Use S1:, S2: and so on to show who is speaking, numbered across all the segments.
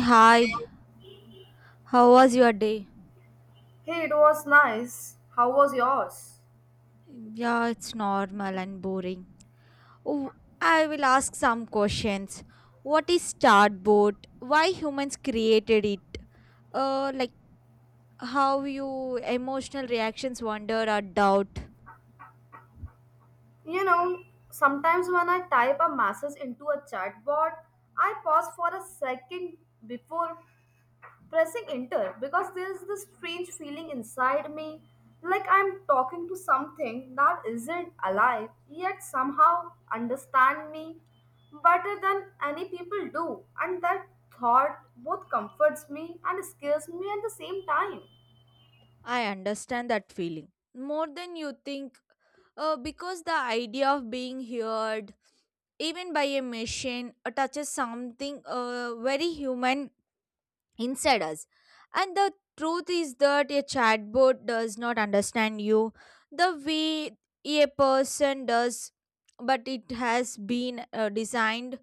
S1: Hi, how was your day?
S2: Hey, it was nice. How was yours?
S1: Yeah, it's normal and boring. Oh, I will ask some questions. What is chatbot? Why humans created it? Like how you emotional reactions, wonder or doubt.
S2: You know, sometimes when I type a message into a chatbot, I pause for a second before pressing enter because there is this strange feeling inside me like I'm talking to something that isn't alive yet somehow understand me better than any people do and that thought both comforts me and scares me at the same time.
S1: I understand that feeling more than you think. Because the idea of being heard, even by a machine, touches something very human inside us. And the truth is that a chatbot does not understand you the way a person does, but it has been designed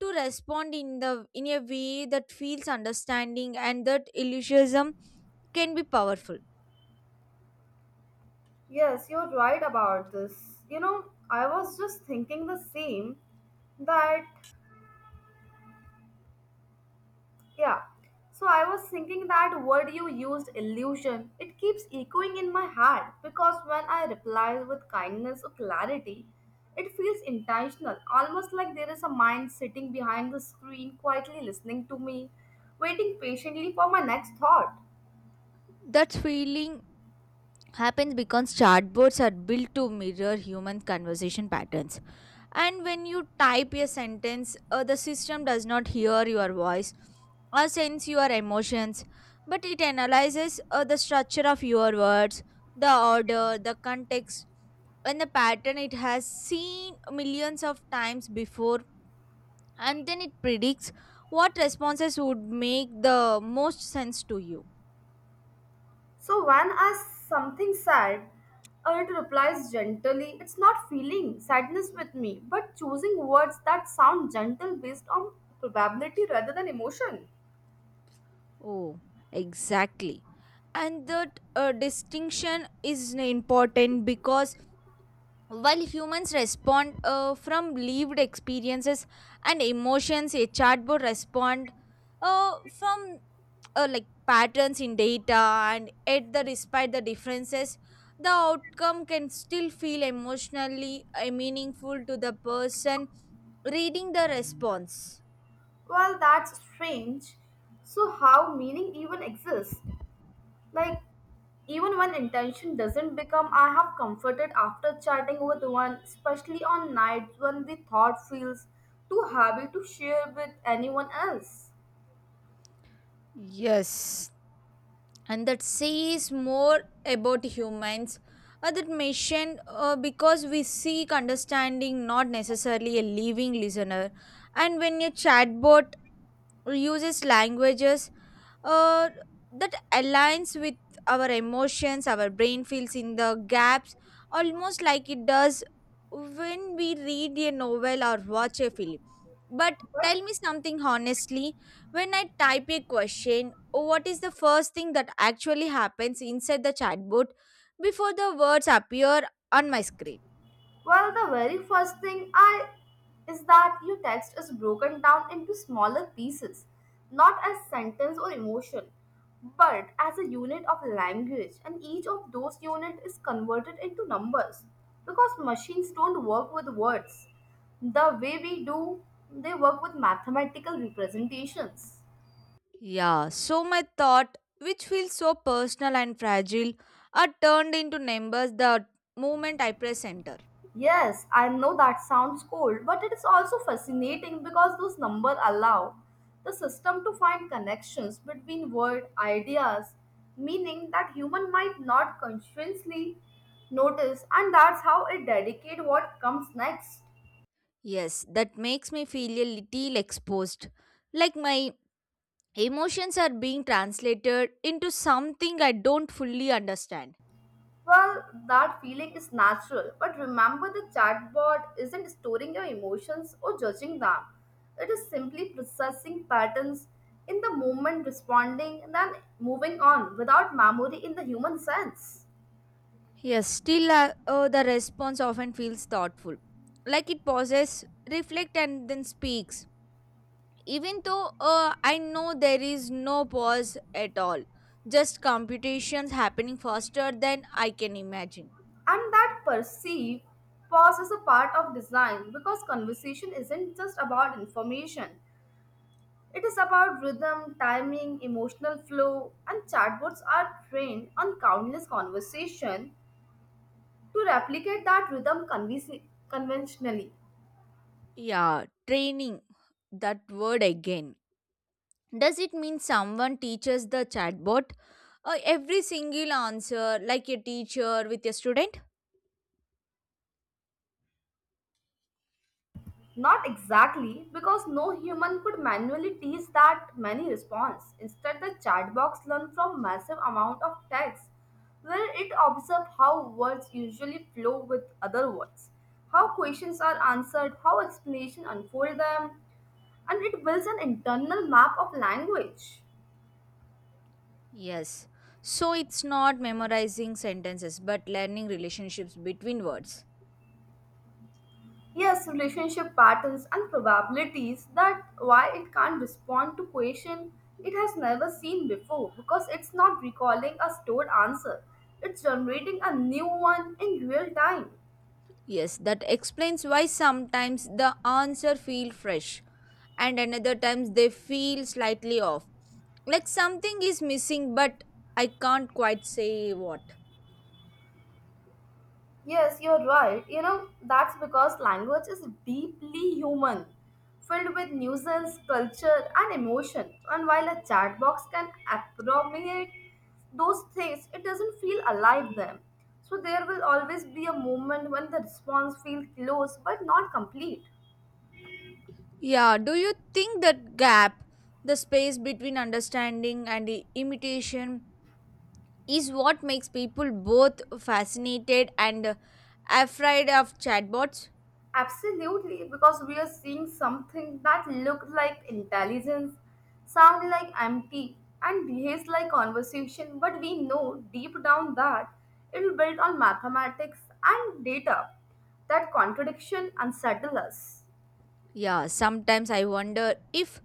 S1: to respond in a way that feels understanding, and that illusionism can be powerful.
S2: Yes, you're right about this. You know, I was just thinking the same that, yeah. So I was thinking that word you used, illusion, it keeps echoing in my head because when I reply with kindness or clarity, it feels intentional, almost like there is a mind sitting behind the screen quietly listening to me, waiting patiently for my next thought.
S1: That feeling happens because chatbots are built to mirror human conversation patterns, and when you type a sentence, the system does not hear your voice or sense your emotions, but it analyzes the structure of your words, the order, the context, and the pattern it has seen millions of times before, and then it predicts what responses would make the most sense to you.
S2: So when asks something sad, it replies gently. It's not feeling sadness with me, but choosing words that sound gentle based on probability rather than emotion.
S1: Oh, exactly. And that distinction is important because while humans respond, from lived experiences and emotions, a chatbot respond, uh, from patterns in data, and yet the despite the differences, the outcome can still feel emotionally meaningful to the person reading the response.
S2: Well, that's strange. So how meaning even exists? Like even when intention doesn't become, I have comforted after chatting with one, especially on nights when the thought feels too heavy to share with anyone else.
S1: Yes, and that says more about humans that mentioned, because we seek understanding, not necessarily a living listener. And when your chatbot uses languages, uh, that aligns with our emotions, our brain fills in the gaps, almost like it does when we read a novel or watch a film. But
S2: But
S1: tell me something honestly: when I type a question, what is the first thing that actually happens inside the chatbot before the words appear on my screen?
S2: well, the very first thing I is that your text is broken down into smaller pieces, not as sentence or emotion, but as a unit of language, and each of those unit is converted into numbers because machines don't work with words the way we do, they work with mathematical representations.
S1: Yeah, so my thought, which feels so personal and fragile, are turned into numbers the moment I press enter.
S2: Yes, I know that sounds cold, but it is also fascinating because those numbers allow the system to find connections between word ideas, meaning that human might not consciously notice, and that's how it dedicate what comes next.
S1: Yes, that makes me feel a little exposed. Like my emotions are being translated into something I don't fully understand.
S2: Well, that feeling is natural, but remember the chatbot isn't storing your emotions or judging them. It is simply processing patterns in the moment, responding, and then moving on without memory in the human sense.
S1: Yes, still, the response often feels thoughtful. Like it pauses, reflect, and then speaks. Even though, I know there is no pause at all. Just computations happening faster than I can imagine.
S2: And that perceive pause is a part of design because conversation isn't just about information. It is about rhythm, timing, emotional flow, and chatbots are trained on countless conversation to replicate that rhythm conventionally.
S1: Yeah, training. That word again. Does it mean someone teaches the chatbot, every single answer, like a teacher with a student?
S2: Not exactly, because no human could manually tease that many response. Instead, the chatbox learned from massive amount of text, where it observed how words usually flow with other words, how questions are answered, how explanation unfold them, and it builds an internal map of language.
S1: Yes. So it's not memorizing sentences but learning relationships between words.
S2: Yes, relationship patterns and probabilities that why it can't respond to question it has never seen before because it's not recalling a stored answer. It's generating a new one in real time.
S1: Yes, that explains why sometimes the answer feel fresh and another times they feel slightly off. Like something is missing, but I can't quite say what.
S2: Yes, you're right. You know, that's because language is deeply human, filled with nuisance, culture, and emotion. And while a chat box can appropriate those things, it doesn't feel alive them. So there will always be a moment when the response feels close but not complete.
S1: Yeah, do you think that gap, the space between understanding and imitation, is what makes people both fascinated and afraid of chatbots?
S2: Absolutely, because we are seeing something that looks like intelligence, sound like empty, and behaves like conversation, but we know deep down that it is built on mathematics and data. That contradiction unsettles us.
S1: Yeah, sometimes I wonder if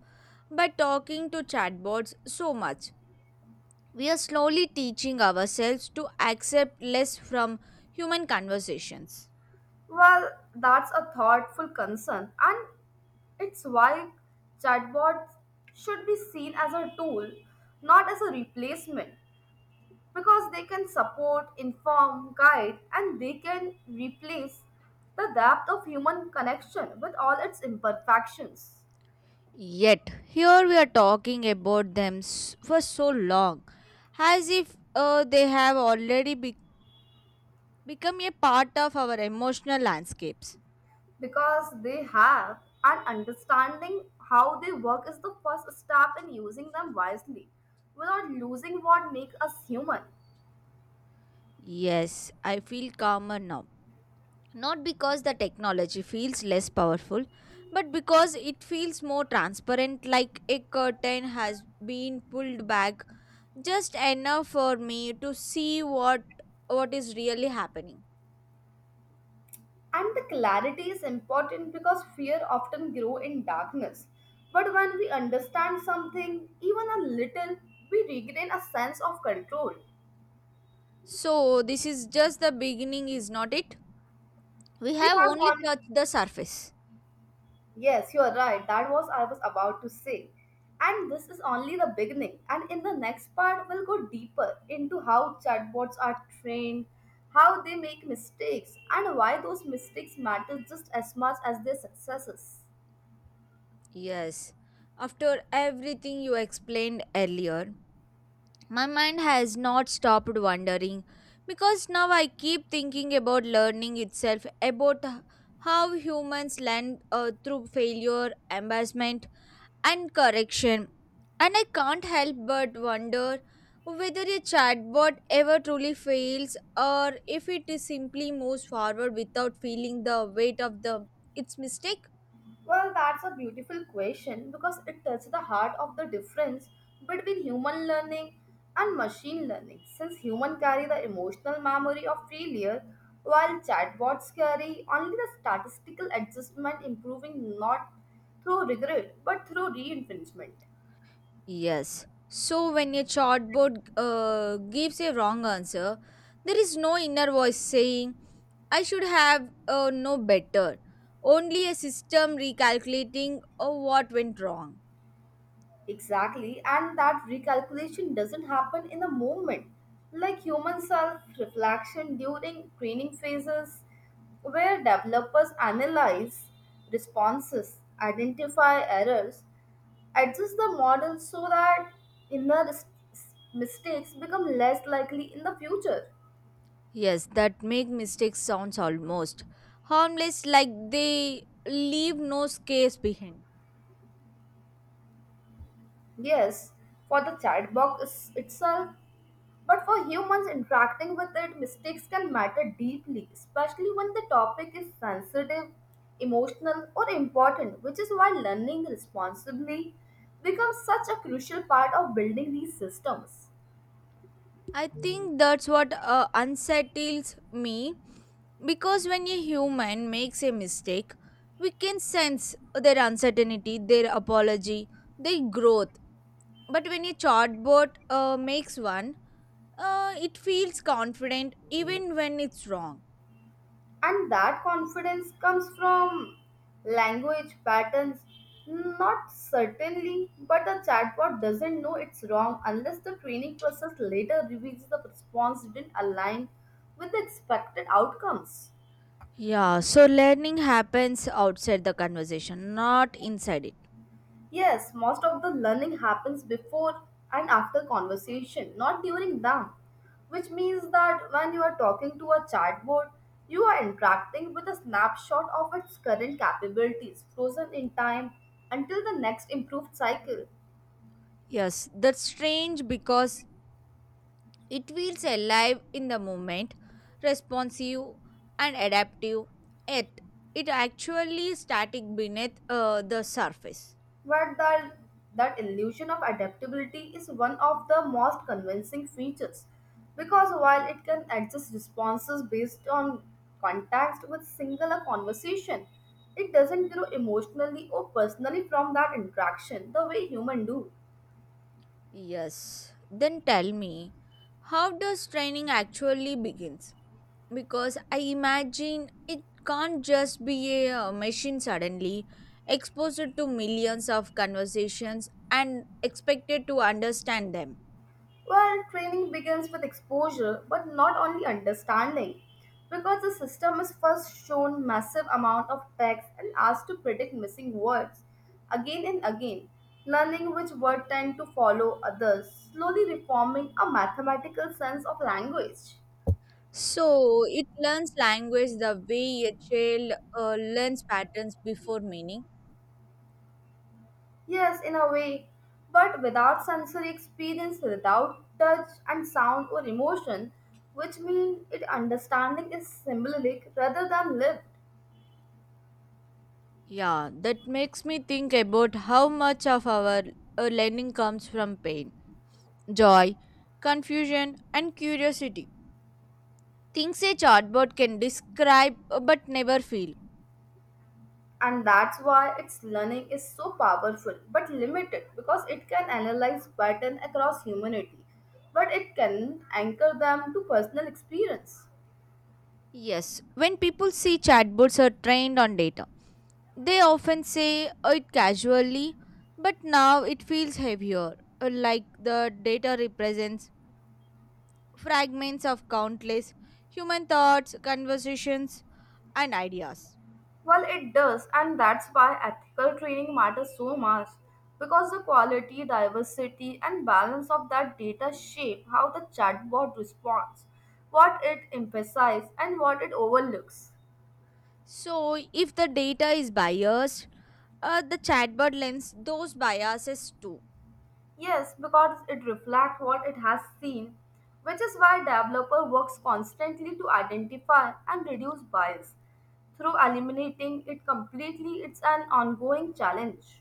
S1: by talking to chatbots so much, we are slowly teaching ourselves to accept less from human conversations.
S2: Well, that's a thoughtful concern, and it's why chatbots should be seen as a tool, not as a replacement. Because they can support, inform, guide, and they can replace the depth of human connection with all its imperfections.
S1: Yet, here we are talking about them for so long, as if, they have already become a part of our emotional landscapes.
S2: Because they have an understanding how they work is the first step in using them wisely without losing what makes us human.
S1: Yes, I feel calmer now, not because the technology feels less powerful, but because it feels more transparent, like a curtain has been pulled back just enough for me to see what is really happening.
S2: And the clarity is important because fear often grow in darkness. But when we understand something, even a little, we regain a sense of control.
S1: So this is just the beginning, is not it? We
S2: We
S1: have
S2: have
S1: only
S2: on
S1: touched the surface.
S2: Yes, you are right. That was I was about to say. And this is only the beginning. And in the next part, we'll go deeper into how chatbots are trained, how they make mistakes, and why those mistakes matter just as much as their successes.
S1: Yes. After everything you explained earlier, my mind has not stopped wandering, because now I keep thinking about learning itself, about how humans learn, through failure, embarrassment, and correction. And I can't help but wonder whether a chatbot ever truly fails, or if it simply moves forward without feeling the weight of the its mistake.
S2: Well, that's a beautiful question because it touches the heart of the difference between human learning and machine learning. Since humans carry the emotional memory of failure, while chatbots carry only the statistical adjustment, improving not through regret but through reinforcement.
S1: Yes. So when a chatbot, gives a wrong answer, there is no inner voice saying, I should have, no better. Only a system recalculating, what went wrong.
S2: Exactly, and that recalculation doesn't happen in a moment. Like human self reflection during training phases, where developers analyze responses, identify errors, adjust the model so that inner mistakes become less likely in the future.
S1: Yes, that make mistakes sounds almost harmless, like they leave no scars behind.
S2: Yes, for the itself, but for humans interacting with it, mistakes can matter deeply, especially when the topic is sensitive, emotional, or important, which is why learning responsibly becomes such a crucial part of building these systems.
S1: I think that's what, unsettles me. Because when a human makes a mistake, we can sense their uncertainty, their apology, their growth. But when a chatbot, makes one, it feels confident even when it's wrong.
S2: And that confidence comes from language patterns. Not certainly, but the chatbot doesn't know it's wrong unless the training process later reveals the response didn't align with the expected outcomes.
S1: Yeah, so learning happens outside the conversation, not inside it.
S2: Yes, most of the learning happens before and after conversation, not during them. Which means that when you are talking to a chatbot, you are interacting with a snapshot of its current capabilities frozen in time until the next improved cycle.
S1: Yes, that's strange, because it feels alive in the moment, responsive and adaptive, yet it actually static beneath, the surface.
S2: But that, that illusion of adaptability is one of the most convincing features because while it can adjust responses based on context with single a conversation, it doesn't grow emotionally or personally from that interaction the way humans do.
S1: Yes, then tell me, how does training actually begins? Because I imagine it can't just be a, machine suddenly exposed to millions of conversations and expected to understand them.
S2: Well, training begins with exposure, but not only understanding, because the system is first shown massive amount of text and asked to predict missing words again and again, learning which word tend to follow others, slowly reforming a mathematical sense of language.
S1: So it learns language the way a child, learns patterns before meaning.
S2: Yes, in a way, but without sensory experience, without touch and sound or emotion, which means it understanding is symbolic rather than lived.
S1: Yeah, that makes me think about how much of our, learning comes from pain, joy, confusion, and curiosity. Things a chatbot can describe, but never feel.
S2: And that's why its learning is so powerful but limited because it can analyze pattern across humanity but it can anchor them to personal experience.
S1: Yes, when people see chatbots are trained on data, they often say, it casually, but now it feels heavier, like the data represents fragments of countless human thoughts, conversations, and ideas.
S2: Well it does, and that's why ethical training matters so much because the quality diversity and balance of that data shape how the chatbot responds, what it emphasizes and what it overlooks.
S1: So, if the data is biased, the chatbot learns those biases too.
S2: Yes, because it reflects what it has seen, which is why developer works constantly to identify and reduce bias. Through eliminating it completely, it's an ongoing challenge.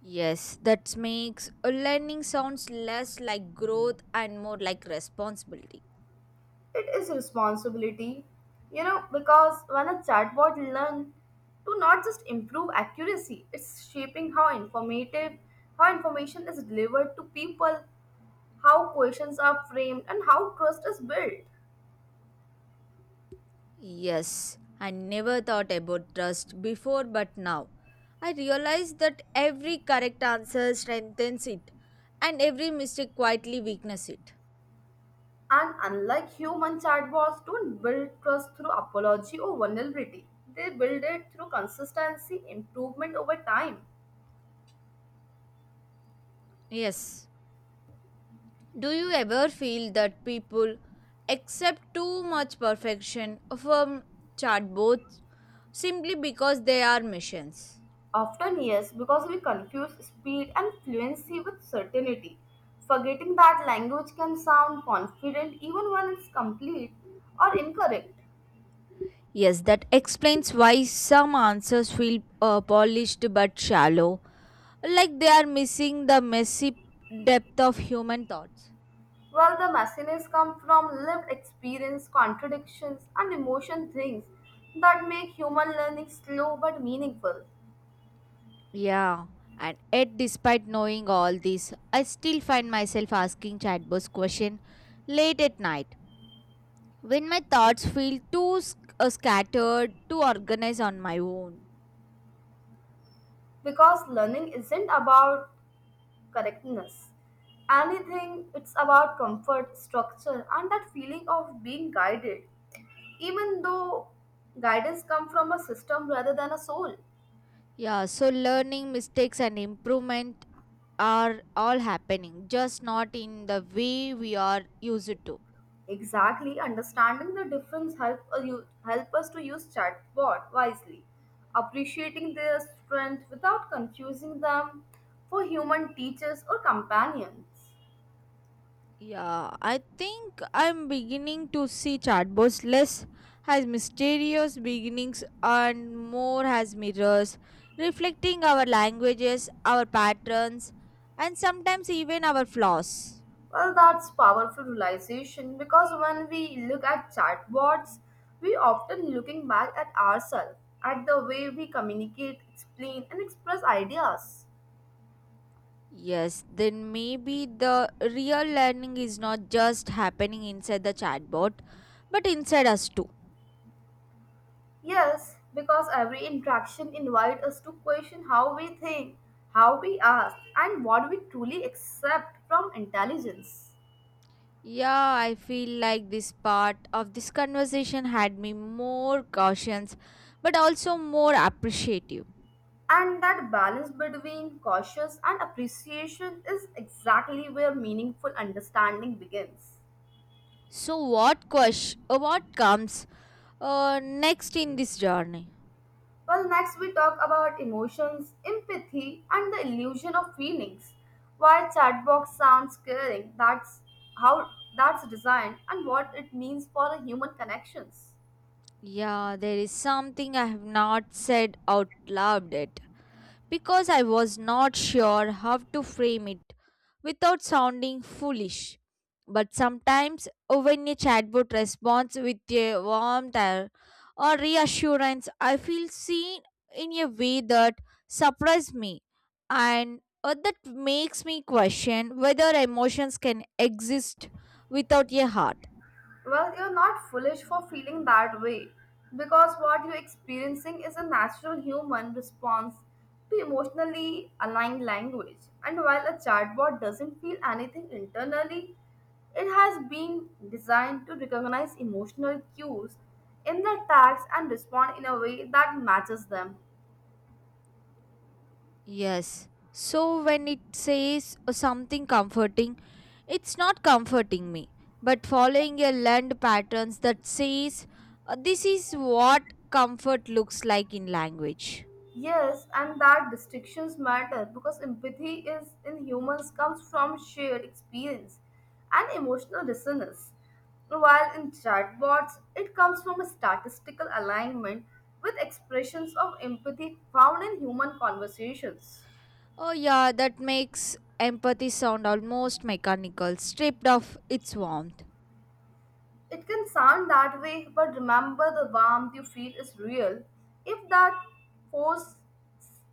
S1: Yes, that makes learning sounds less like growth and more like responsibility.
S2: It is responsibility, you know, because when a chatbot learns to not just improve accuracy, it's shaping how informative, how information is delivered to people, how questions are framed, and how trust is built.
S1: Yes, I never thought about trust before, but now I realize that every correct answer strengthens it, and every mistake quietly weakens it.
S2: And unlike human chatbots, don't build trust through apology or vulnerability. They build it through consistency, improvement over time.
S1: Yes, do you ever feel that people accept too much perfection from chatbots simply because they are missions?
S2: Often, yes, because we confuse speed and fluency with certainty, forgetting that language can sound confident even when it's complete or incorrect.
S1: Yes, that explains why some answers feel, polished but shallow, like they are missing the messy depth of human thoughts.
S2: While the messiness comes from lived experience, contradictions, and emotion things that make human learning slow but meaningful
S1: Yeah, and yet despite knowing all this, I still find myself asking chatbots question late at night, when my thoughts feel too scattered to organize on my own.
S2: because learning isn't about correctness. Anything, it's about comfort, structure, and that feeling of being guided, even though guidance comes from a system rather than a soul.
S1: Yeah, so learning, mistakes, and improvement are all happening, just not in the way we are used to.
S2: Exactly, understanding the difference you, help us to use chatbot wisely, appreciating their strength without confusing them for human teachers or companions.
S1: Yeah, I think I'm beginning to see chatbots less as mysterious beginnings, and more as mirrors, reflecting our languages, our patterns, and sometimes even our flaws.
S2: Well, that's powerful realization because when we look at chatbots, we often looking back at ourselves, at the way we communicate, explain, and express ideas.
S1: Yes, then maybe the real learning is not just happening inside the chatbot, but inside us too.
S2: Yes, because every interaction invites us to question how we think, how we ask, and what we truly accept from intelligence.
S1: Yeah, I feel like this part of this conversation had me more cautious, but also more appreciative.
S2: And that balance between cautious and appreciation is exactly where meaningful understanding begins.
S1: So, what question? What comes, next in this journey?
S2: Well, next we talk about emotions, empathy, and the illusion of feelings. Why chatbox sounds caring, how that's designed and what it means for a human connections.
S1: Yeah, there is something I have not said out loud yet. Because I was not sure how to frame it without sounding foolish. But sometimes, when a chatbot responds with a warmth, or reassurance, I feel seen in a way that surprised me, and that makes me question whether emotions can exist without a heart.
S2: Well, you're not foolish for feeling that way because what you're experiencing is a natural human response to emotionally aligned language. And while a chatbot doesn't feel anything internally, it has been designed to recognize emotional cues in their tags and respond in a way that matches them.
S1: Yes. So when it says something comforting, it's not comforting me, but following a learned patterns that says, this is what comfort looks like in language.
S2: Yes, and that distinctions matter because empathy is in humans comes from shared experience and emotional resonance, while in chatbots it comes from a statistical alignment with expressions of empathy found in human conversations.
S1: Oh yeah, that makes empathy sound almost mechanical, stripped of its warmth.
S2: It can sound that way, but remember the warmth you feel is real. If that force,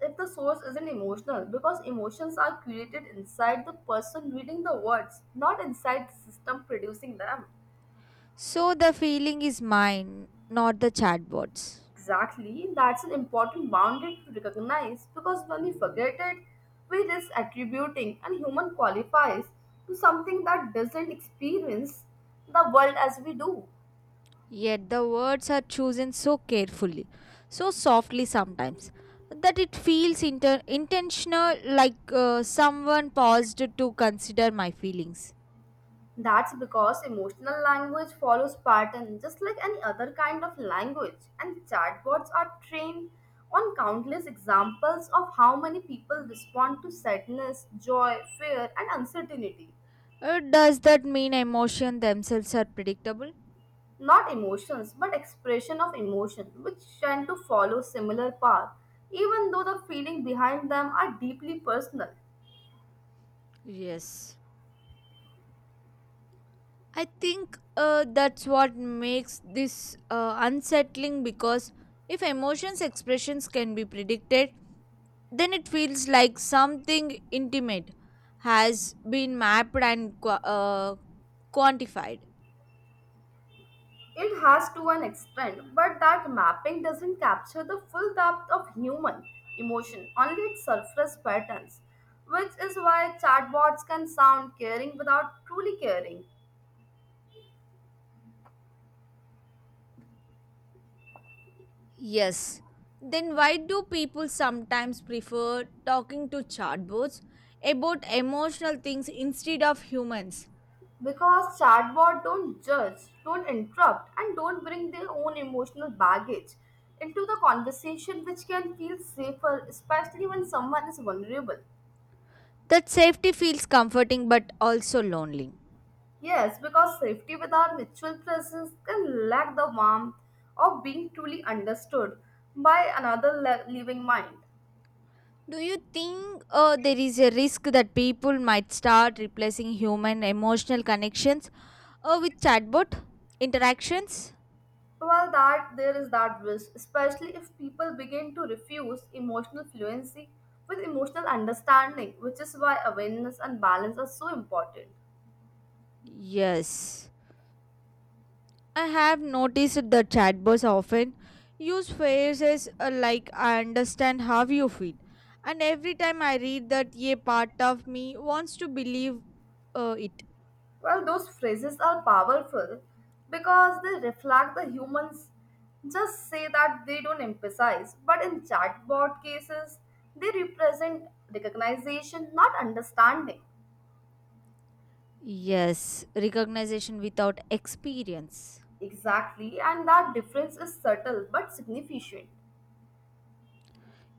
S2: if the source isn't emotional, because emotions are created inside the person reading the words, not inside the system producing them.
S1: So the feeling is mine, not the chatbot's.
S2: Exactly, that's an important boundary to recognize because when we forget it, we risk attributing and human qualifies to something that doesn't experience the world as we do.
S1: Yet the words are chosen so carefully, so softly sometimes, that it feels intentional, like, someone paused to consider my feelings.
S2: That's because emotional language follows pattern just like any other kind of language and chatbots are trained on countless examples of how many people respond to sadness, joy, fear and uncertainty.
S1: Does that mean emotions themselves are predictable?
S2: Not emotions but expression of emotion which tend to follow similar path even though the feeling behind them are deeply personal.
S1: Yes. I think, that's what makes this, unsettling, because if emotions expressions can be predicted, then it feels like something intimate has been mapped and quantified.
S2: It has to an extent, but that mapping doesn't capture the full depth of human emotion, only its surface patterns, which is why chatbots can sound caring without truly caring.
S1: Yes. Then why do people sometimes prefer talking to chatbots about emotional things instead of humans?
S2: Because chatbots don't judge, don't interrupt, and don't bring their own emotional baggage into the conversation, which can feel safer, especially when someone is vulnerable.
S1: That safety feels comforting but also lonely.
S2: Yes, because safety without mutual presence can lack the warmth of being truly understood by another living mind.
S1: Do you think, there is a risk that people might start replacing human emotional connections, with chatbot interactions?
S2: Well, that there is that risk, especially if people begin to refuse emotional fluency with emotional understanding, which is why awareness and balance are so important.
S1: Yes. I have noticed the chatbots often use phrases, like I understand how you feel. And every time I read that, a part of me wants to believe, it.
S2: Well, those phrases are powerful because they reflect the humans just say that they don't emphasize. But in chatbot cases, they represent recognition, not understanding.
S1: Yes, recognition without experience.
S2: Exactly, and that difference is subtle but significant.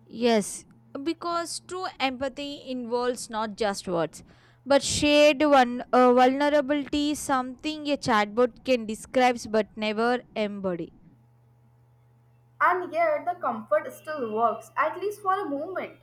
S1: Yes, because true empathy involves not just words, but shared one, vulnerability, something a chatbot can describe but never embody.
S2: And yet, the comfort still works, at least for a moment.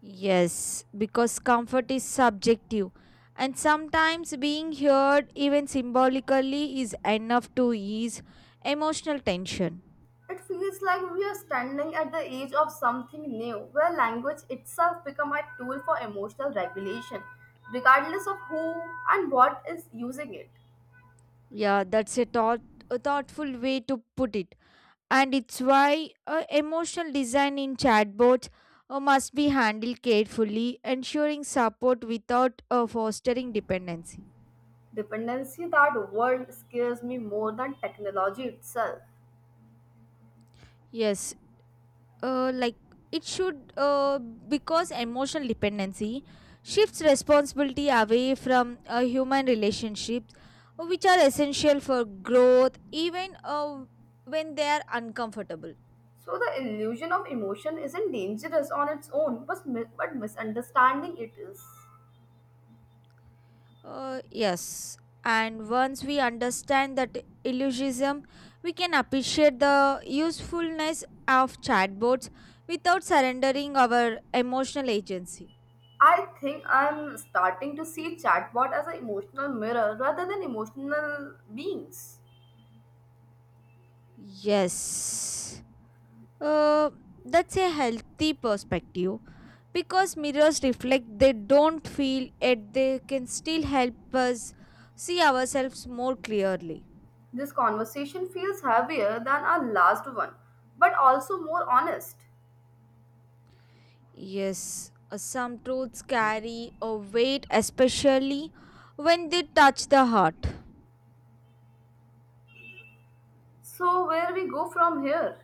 S1: Yes, because comfort is subjective, and sometimes being heard, even symbolically, is enough to ease emotional tension.
S2: It feels like we are standing at the edge of something new, where language itself become a tool for emotional regulation, regardless of who and what is using it.
S1: Yeah, that's a, thought, a thoughtful way to put it, and it's why, emotional design in chatbots, must be handled carefully, ensuring support without, fostering dependency.
S2: Dependency, that word scares me more than technology itself.
S1: Yes, like it should, because emotional dependency shifts responsibility away from, human relationships, which are essential for growth, even, when they are uncomfortable.
S2: So the illusion of emotion isn't dangerous on its own, but, but misunderstanding it is.
S1: Uh, yes, and once we understand that illusionism, we can appreciate the usefulness of chatbots without surrendering our emotional agency.
S2: I think I'm starting to see chatbot as an emotional mirror rather than emotional beings.
S1: Yes. Uh, that's a healthy perspective, because mirrors reflect, they don't feel, yet they can still help us see ourselves more clearly.
S2: This conversation feels heavier than our last one, but also more honest.
S1: Yes, some truths carry a weight, especially when they touch the heart.
S2: So, where we go from here?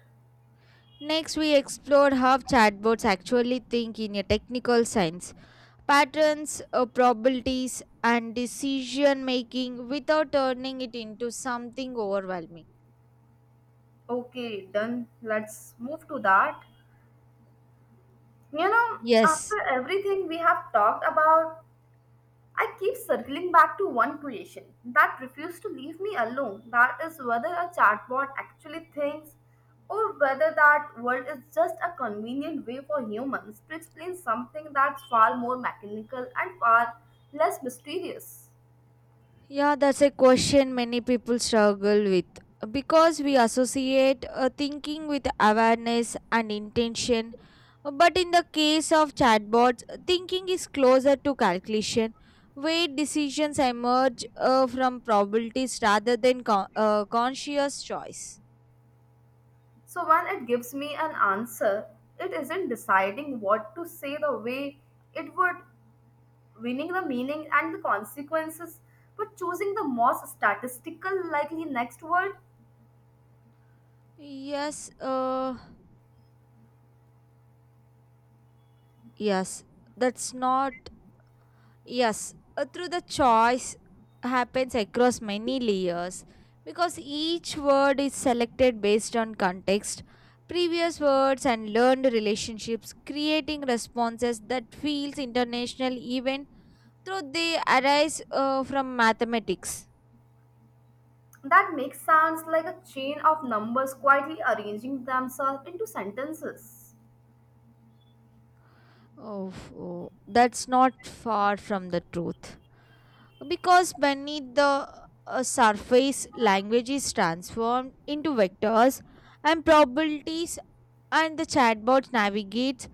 S1: Next we explored how chatbots actually think in a technical sense, patterns, probabilities, and decision making, without turning it into something overwhelming.
S2: Okay, done. Let's move to that. You know,
S1: Yes.
S2: after everything we have talked about, I keep circling back to one creation that refused to leave me alone. That is whether a chatbot actually thinks or whether that world is just a convenient way for humans to explain something that's far more mechanical and far less mysterious.
S1: Yeah, that's a question many people struggle with, because we associate, thinking with awareness and intention. But in the case of chatbots, thinking is closer to calculation, where decisions emerge, from probabilities rather than conscious choice.
S2: So when it gives me an answer, it isn't deciding what to say the way it would, winning the meaning and the consequences, but choosing the most statistical likely next word
S1: Yes, yes, that's not. Yes, through the choice happens across many layers because each word is selected based on context, previous words and learned relationships, creating responses that feels international even though they arise from mathematics.
S2: that makes sounds like a chain of numbers quietly arranging themselves into sentences.
S1: Oh, that's not far from the truth. Because beneath the surface, language is transformed into vectors and probabilities and the chatbot navigates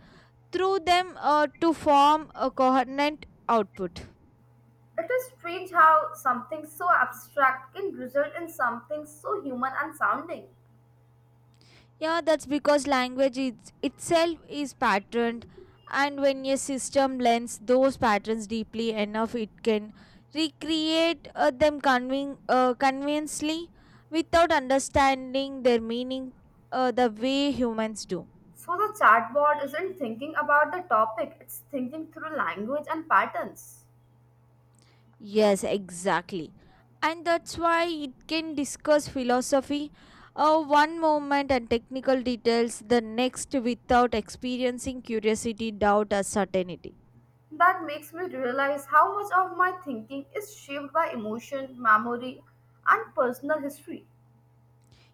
S1: through them to form a coherent output.
S2: It is strange how something so abstract can result in something so human and sounding.
S1: Yeah, that's because language is, itself is patterned, and when a system learns those patterns deeply enough, it can recreate them conveniently without understanding their meaning the way humans do.
S2: So the chatbot isn't thinking about the topic, it's thinking through language and patterns.
S1: Yes, exactly. And that's why it can discuss philosophy one moment and technical details the next without experiencing curiosity, doubt, or certainty.
S2: That makes me realize how much of my thinking is shaped by emotion, memory, and personal history.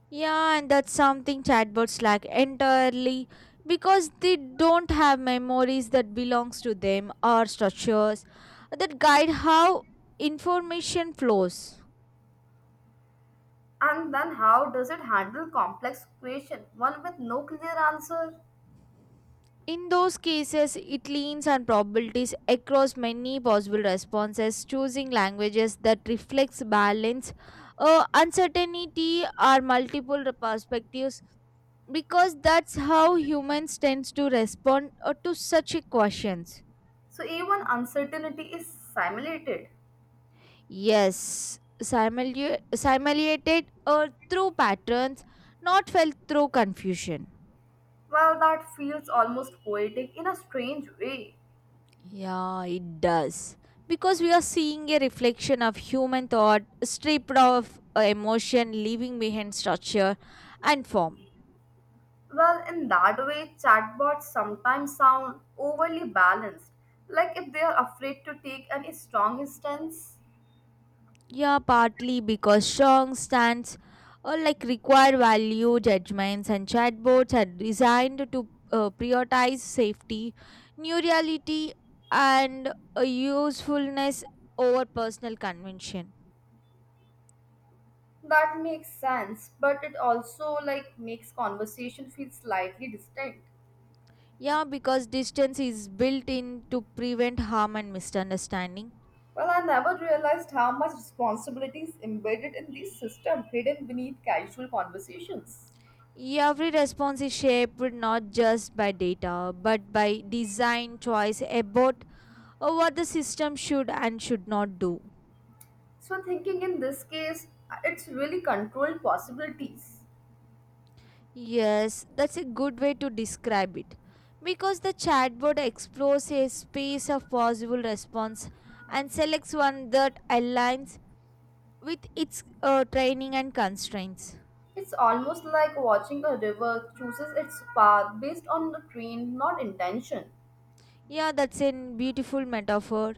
S1: Yeah, and that's something chatbots lack entirely because they don't have memories that belongs to them or structures that guide how information flows.
S2: And then how does it handle complex question, one with no clear answer?
S1: In those cases, it leans on probabilities across many possible responses, choosing languages that reflects balance, uncertainty, or multiple perspectives, because that's how humans tends to respond to such questions.
S2: So even uncertainty is simulated.
S1: Yes, simulated through patterns, not felt through confusion.
S2: Well, that feels almost poetic in a strange way.
S1: Yeah, it does. Because we are seeing a reflection of human thought stripped of emotion, leaving behind structure and form.
S2: Well, in that way, chatbots sometimes sound overly balanced, like if they are afraid to take any strong stance.
S1: Yeah, partly because strong stands like require value judgments and chatbots are designed to prioritize safety, new reality, and usefulness over personal convention.
S2: That makes sense, but it also like makes conversation feel slightly distinct.
S1: Yeah, because distance is built in to prevent harm and misunderstanding.
S2: Well, I never realized how much responsibility is embedded in these systems hidden beneath casual conversations.
S1: Every response is shaped not just by data but by design choice about what the system should and should not do.
S2: So thinking in this case, it's really controlled possibilities.
S1: Yes, that's a good way to describe it. Because the chatbot explores a space of possible response and selects one that aligns with its training and constraints.
S2: It's almost like watching a river chooses its path based on the train, not intention.
S1: Yeah, that's a beautiful metaphor.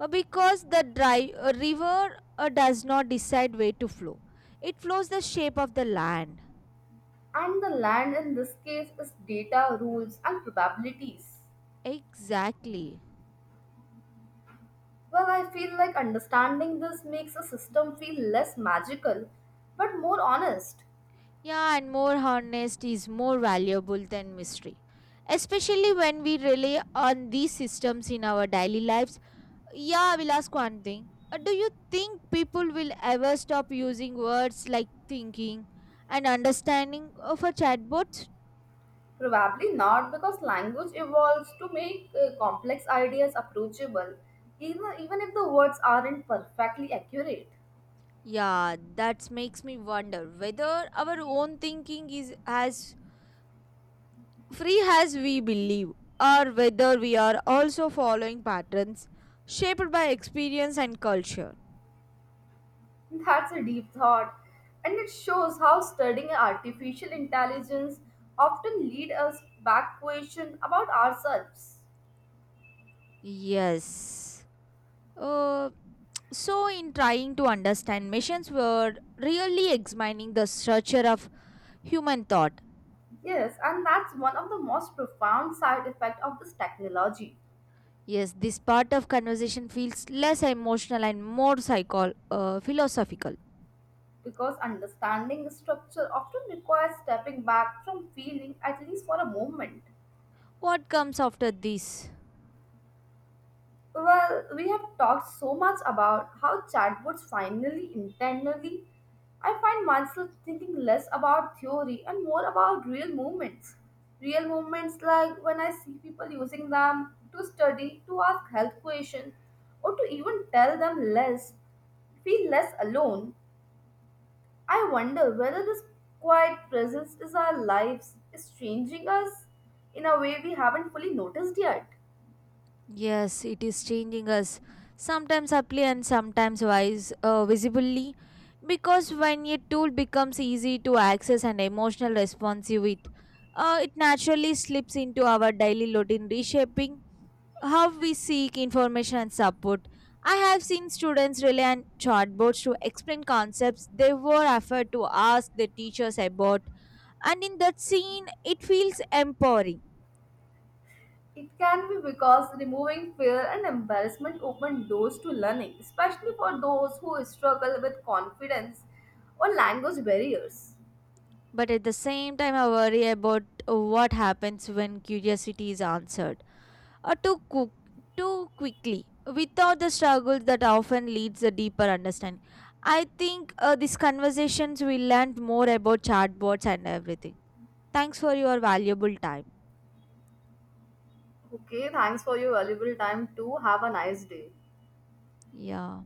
S1: Because the river does not decide where to flow, it flows the shape of the land.
S2: And the land in this case is data, rules, and probabilities.
S1: Exactly.
S2: Well, I feel like understanding this makes a system feel less magical, but more honest.
S1: Yeah, and more honest is more valuable than mystery. Especially when we rely on these systems in our daily lives. Yeah, I will ask one thing. Do you think people will ever stop using words like thinking and understanding for chatbots?
S2: Probably not because language evolves to make complex ideas approachable, even if the words aren't perfectly accurate.
S1: Yeah, that makes me wonder whether our own thinking is as free as we believe, or whether we are also following patterns shaped by experience and culture.
S2: That's a deep thought, and it shows how studying artificial intelligence often lead us back question about ourselves.
S1: Yes. Uh, so, in trying to understand missions, we're really examining the structure of human thought.
S2: Yes, and that's one of the most profound side effects of this technology
S1: Yes, this part of conversation feels less emotional and more philosophical.
S2: because understanding the structure often requires stepping back from feeling at least for a moment.
S1: What comes after this?
S2: Well, we have talked so much about how chatbots finally internally. I find myself thinking less about theory and more about real movements. Real movements like when I see people using them to study, to ask health questions, or to even tell them less, feel less alone. I wonder whether this quiet presence is our lives, is changing us in a way we haven't fully noticed yet.
S1: Yes, it is changing us, sometimes subtly and sometimes wise, visibly. Because when a tool becomes easy to access and emotional responsive, it, it naturally slips into our daily routine, reshaping how we seek information and support. I have seen students rely on chatbots to explain concepts they were afraid to ask their teachers about, and in that scene, it feels empowering.
S2: It can be because removing fear and embarrassment open doors to learning, especially for those who struggle with confidence or language barriers.
S1: But at the same time, I worry about what happens when curiosity is answered or too quickly without the struggle that often leads a deeper understanding. I think these conversations will learn more about chatbots and everything. Thanks for your valuable time.
S2: Okay, thanks for your valuable time too. Have a nice day.
S1: Yeah.